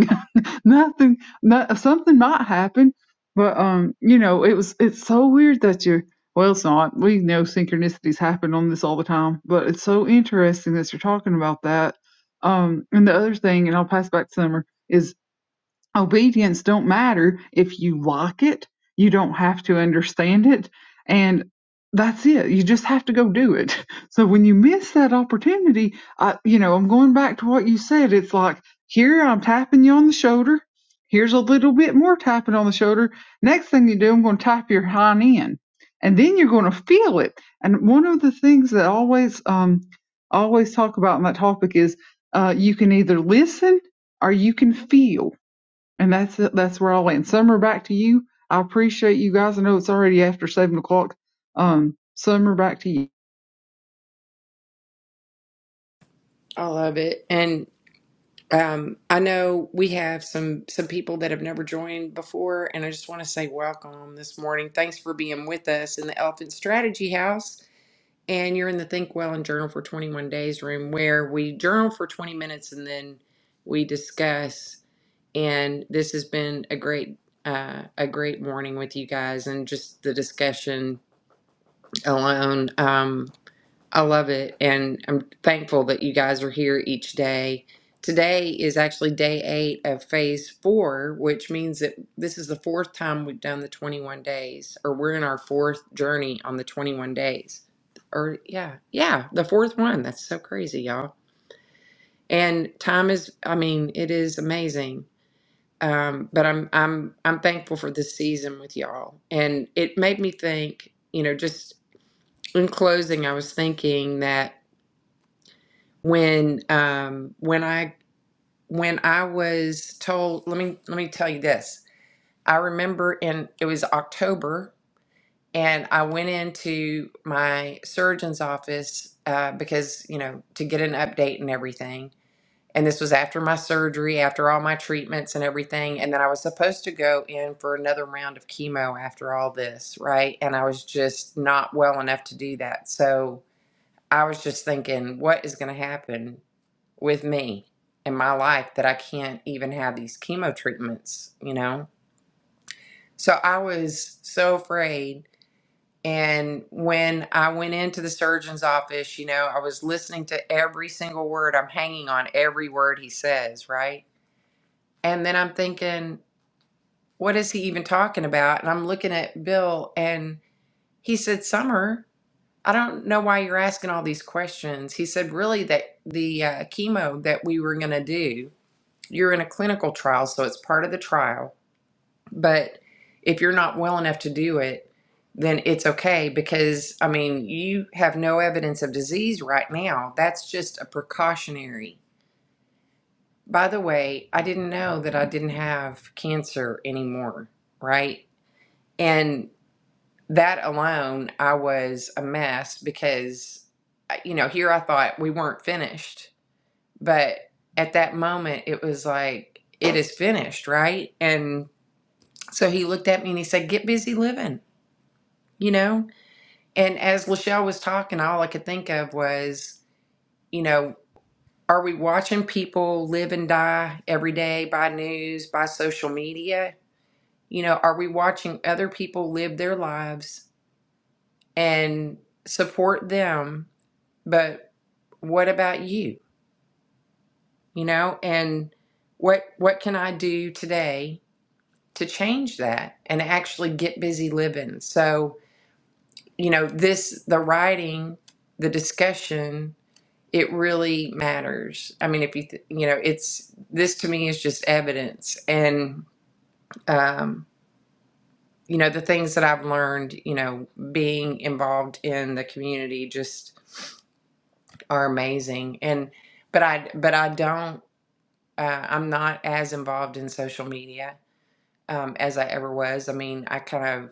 Speaker 2: [laughs] nothing, not, something might happen. But um, you know, it was it's so weird that you're well, it's not. We know synchronicities happen on this all the time, but it's so interesting that you're talking about that. Um, and the other thing, and I'll pass back to Summer, is obedience don't matter if you like it you don't have to understand it and that's it you just have to go do it [laughs] so when you miss that opportunity i you know i'm going back to what you said it's like here i'm tapping you on the shoulder here's a little bit more tapping on the shoulder next thing you do i'm going to tap your hind end and then you're going to feel it and one of the things that I always um I always talk about in that topic is uh, you can either listen or you can feel and that's it. That's where I'll land. Summer, back to you. I appreciate you guys. I know it's already after seven o'clock. Um, Summer, back to you.
Speaker 1: I love it. Um, I know we have some some people that have never joined before, and I just want to say welcome this morning. Thanks for being with us in the Elephant Strategy House. And you're in the Think Well and Journal for 21 Days room where we journal for 20 minutes and then we discuss. And this has been a great uh, a great morning with you guys and just the discussion alone. Um, I love it, and I'm thankful that you guys are here each day. Today is actually day eight of phase four, which means that this is the fourth time we've done the 21 days, or we're in our fourth journey on the 21 days. Or, yeah, yeah, the fourth one. That's so crazy, y'all. And time is, I mean, it is amazing. Um, but I'm I'm I'm thankful for this season with y'all, and it made me think. You know, just in closing, I was thinking that when um when i when i was told let me let me tell you this i remember in it was october and i went into my surgeon's office uh, because you know to get an update and everything and this was after my surgery after all my treatments and everything and then i was supposed to go in for another round of chemo after all this right and i was just not well enough to do that so i was just thinking what is going to happen with me in my life that I can't even have these chemo treatments, you know? So I was so afraid. And when I went into the surgeon's office, you know, I was listening to every single word. I'm hanging on every word he says, right? And then I'm thinking, what is he even talking about? And I'm looking at Bill and he said, Summer, I don't know why you're asking all these questions. He said, really, that the uh, chemo that we were going to do you're in a clinical trial, so it's part of the trial. But if you're not well enough to do it, then it's okay because, I mean, you have no evidence of disease right now. That's just a precautionary. By the way, I didn't know that I didn't have cancer anymore, right? And that alone, I was a mess because, you know, here I thought we weren't finished. But at that moment, it was like, it is finished, right? And So he looked at me and he said, Get busy living, you know? And as Lachelle was talking, all I could think of was, you know, are we watching people live and die every day by news, by social media? You know, are we watching other people live their lives and support them? But what about you? You know, and what what can I do today to change that and actually get busy living? So you know, this, the writing, the discussion, it really matters. I mean, if you, th- you know, it's, this to me is just evidence. And, um, you know, the things that I've learned, you know, being involved in the community just are amazing. And, but I, but I don't, uh, I'm not as involved in social media um, as I ever was. I mean, I kind of,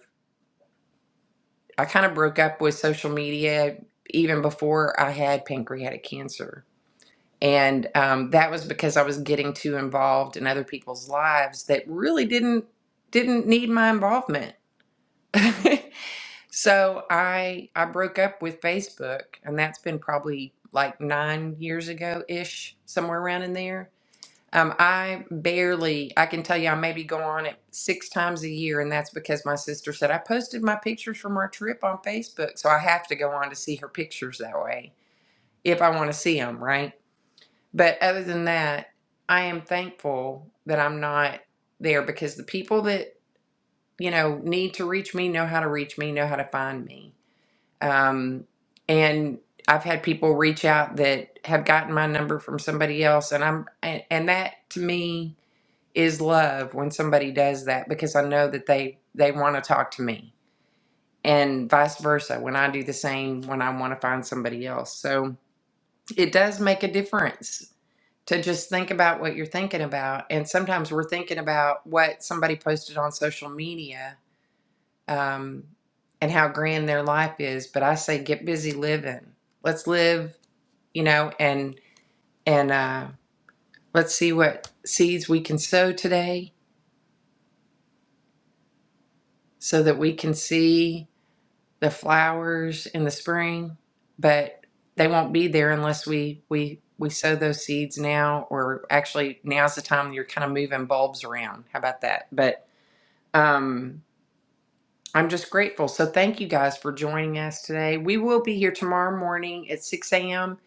Speaker 1: I kind of broke up with social media even before I had pancreatic cancer And um, that was because I was getting too involved in other people's lives that really didn't didn't need my involvement. [laughs] so I I broke up with Facebook, and that's been probably like nine years ago ish, somewhere around in there. Um, I barely, I can tell you, I maybe go on it six times a year, and that's because my sister said I posted my pictures from our trip on Facebook, so I have to go on to see her pictures that way if I want to see them, right? But other than that, I am thankful that I'm not there because the people that, you know, need to reach me know how to reach me, know how to find me. Um, and I've had people reach out that have gotten my number from somebody else. And I'm, and, and that to me is love when somebody does that because I know that they, they want to talk to me and vice versa when I do the same when I want to find somebody else. So it does make a difference to just think about what you're thinking about. And sometimes we're thinking about what somebody posted on social media um, and how grand their life is. But I say, get busy living. Let's live, you know, and and uh, let's see what seeds we can sow today, so that we can see the flowers in the spring. But they won't be there unless we we we sow those seeds now, or actually now's the time you're kind of moving bulbs around. How about that? But um i'm just grateful so thank you guys for joining us today we will be here tomorrow morning at 6 a.m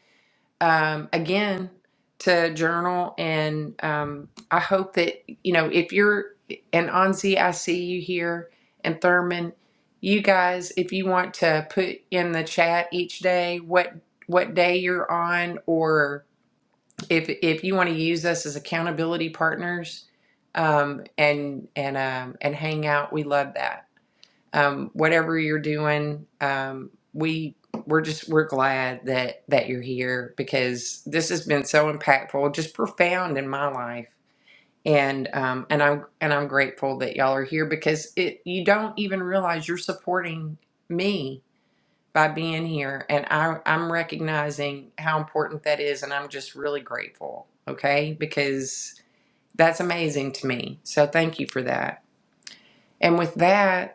Speaker 1: um again to journal and um i hope that you know if you're and anzi i see you here and thurman you guys if you want to put in the chat each day what what day you're on or if if you want to use us as accountability partners um and and um and hang out we love that um, whatever you're doing, um, we we're just we're glad that that you're here because this has been so impactful, just profound in my life, and um, and I'm and I'm grateful that y'all are here because it you don't even realize you're supporting me by being here, and I I'm recognizing how important that is, and I'm just really grateful. Okay, because that's amazing to me. So thank you for that. And with that.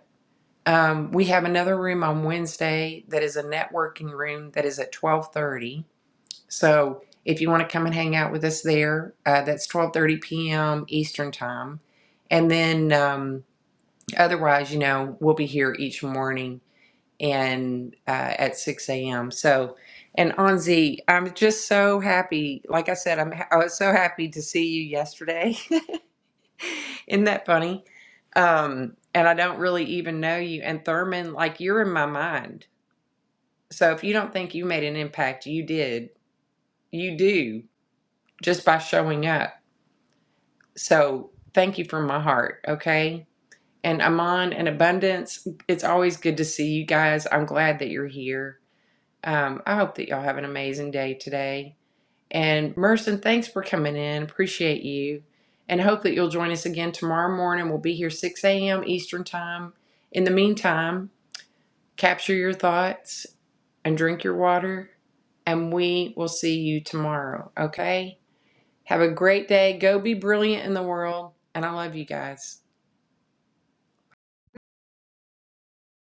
Speaker 1: Um, we have another room on Wednesday that is a networking room that is at twelve thirty. So if you want to come and hang out with us there, uh, that's twelve thirty p.m. Eastern time, and then um, otherwise, you know, we'll be here each morning and uh, at six a.m. So, and Anzi, I'm just so happy. Like I said, I'm I was so happy to see you yesterday. [laughs] [laughs] Isn't that funny? Um, and I don't really even know you. And Thurman, like you're in my mind. So if you don't think you made an impact, you did. You do just by showing up. So thank you from my heart. Okay. And Amon and Abundance, it's always good to see you guys. I'm glad that you're here. Um, I hope that y'all have an amazing day today. And Merson, thanks for coming in. Appreciate you. And hope that you'll join us again tomorrow morning. We'll be here 6 a.m. Eastern Time. In the meantime, capture your thoughts and drink your water. And we will see you tomorrow, okay? Have a great day. Go be brilliant in the world. And I love you guys.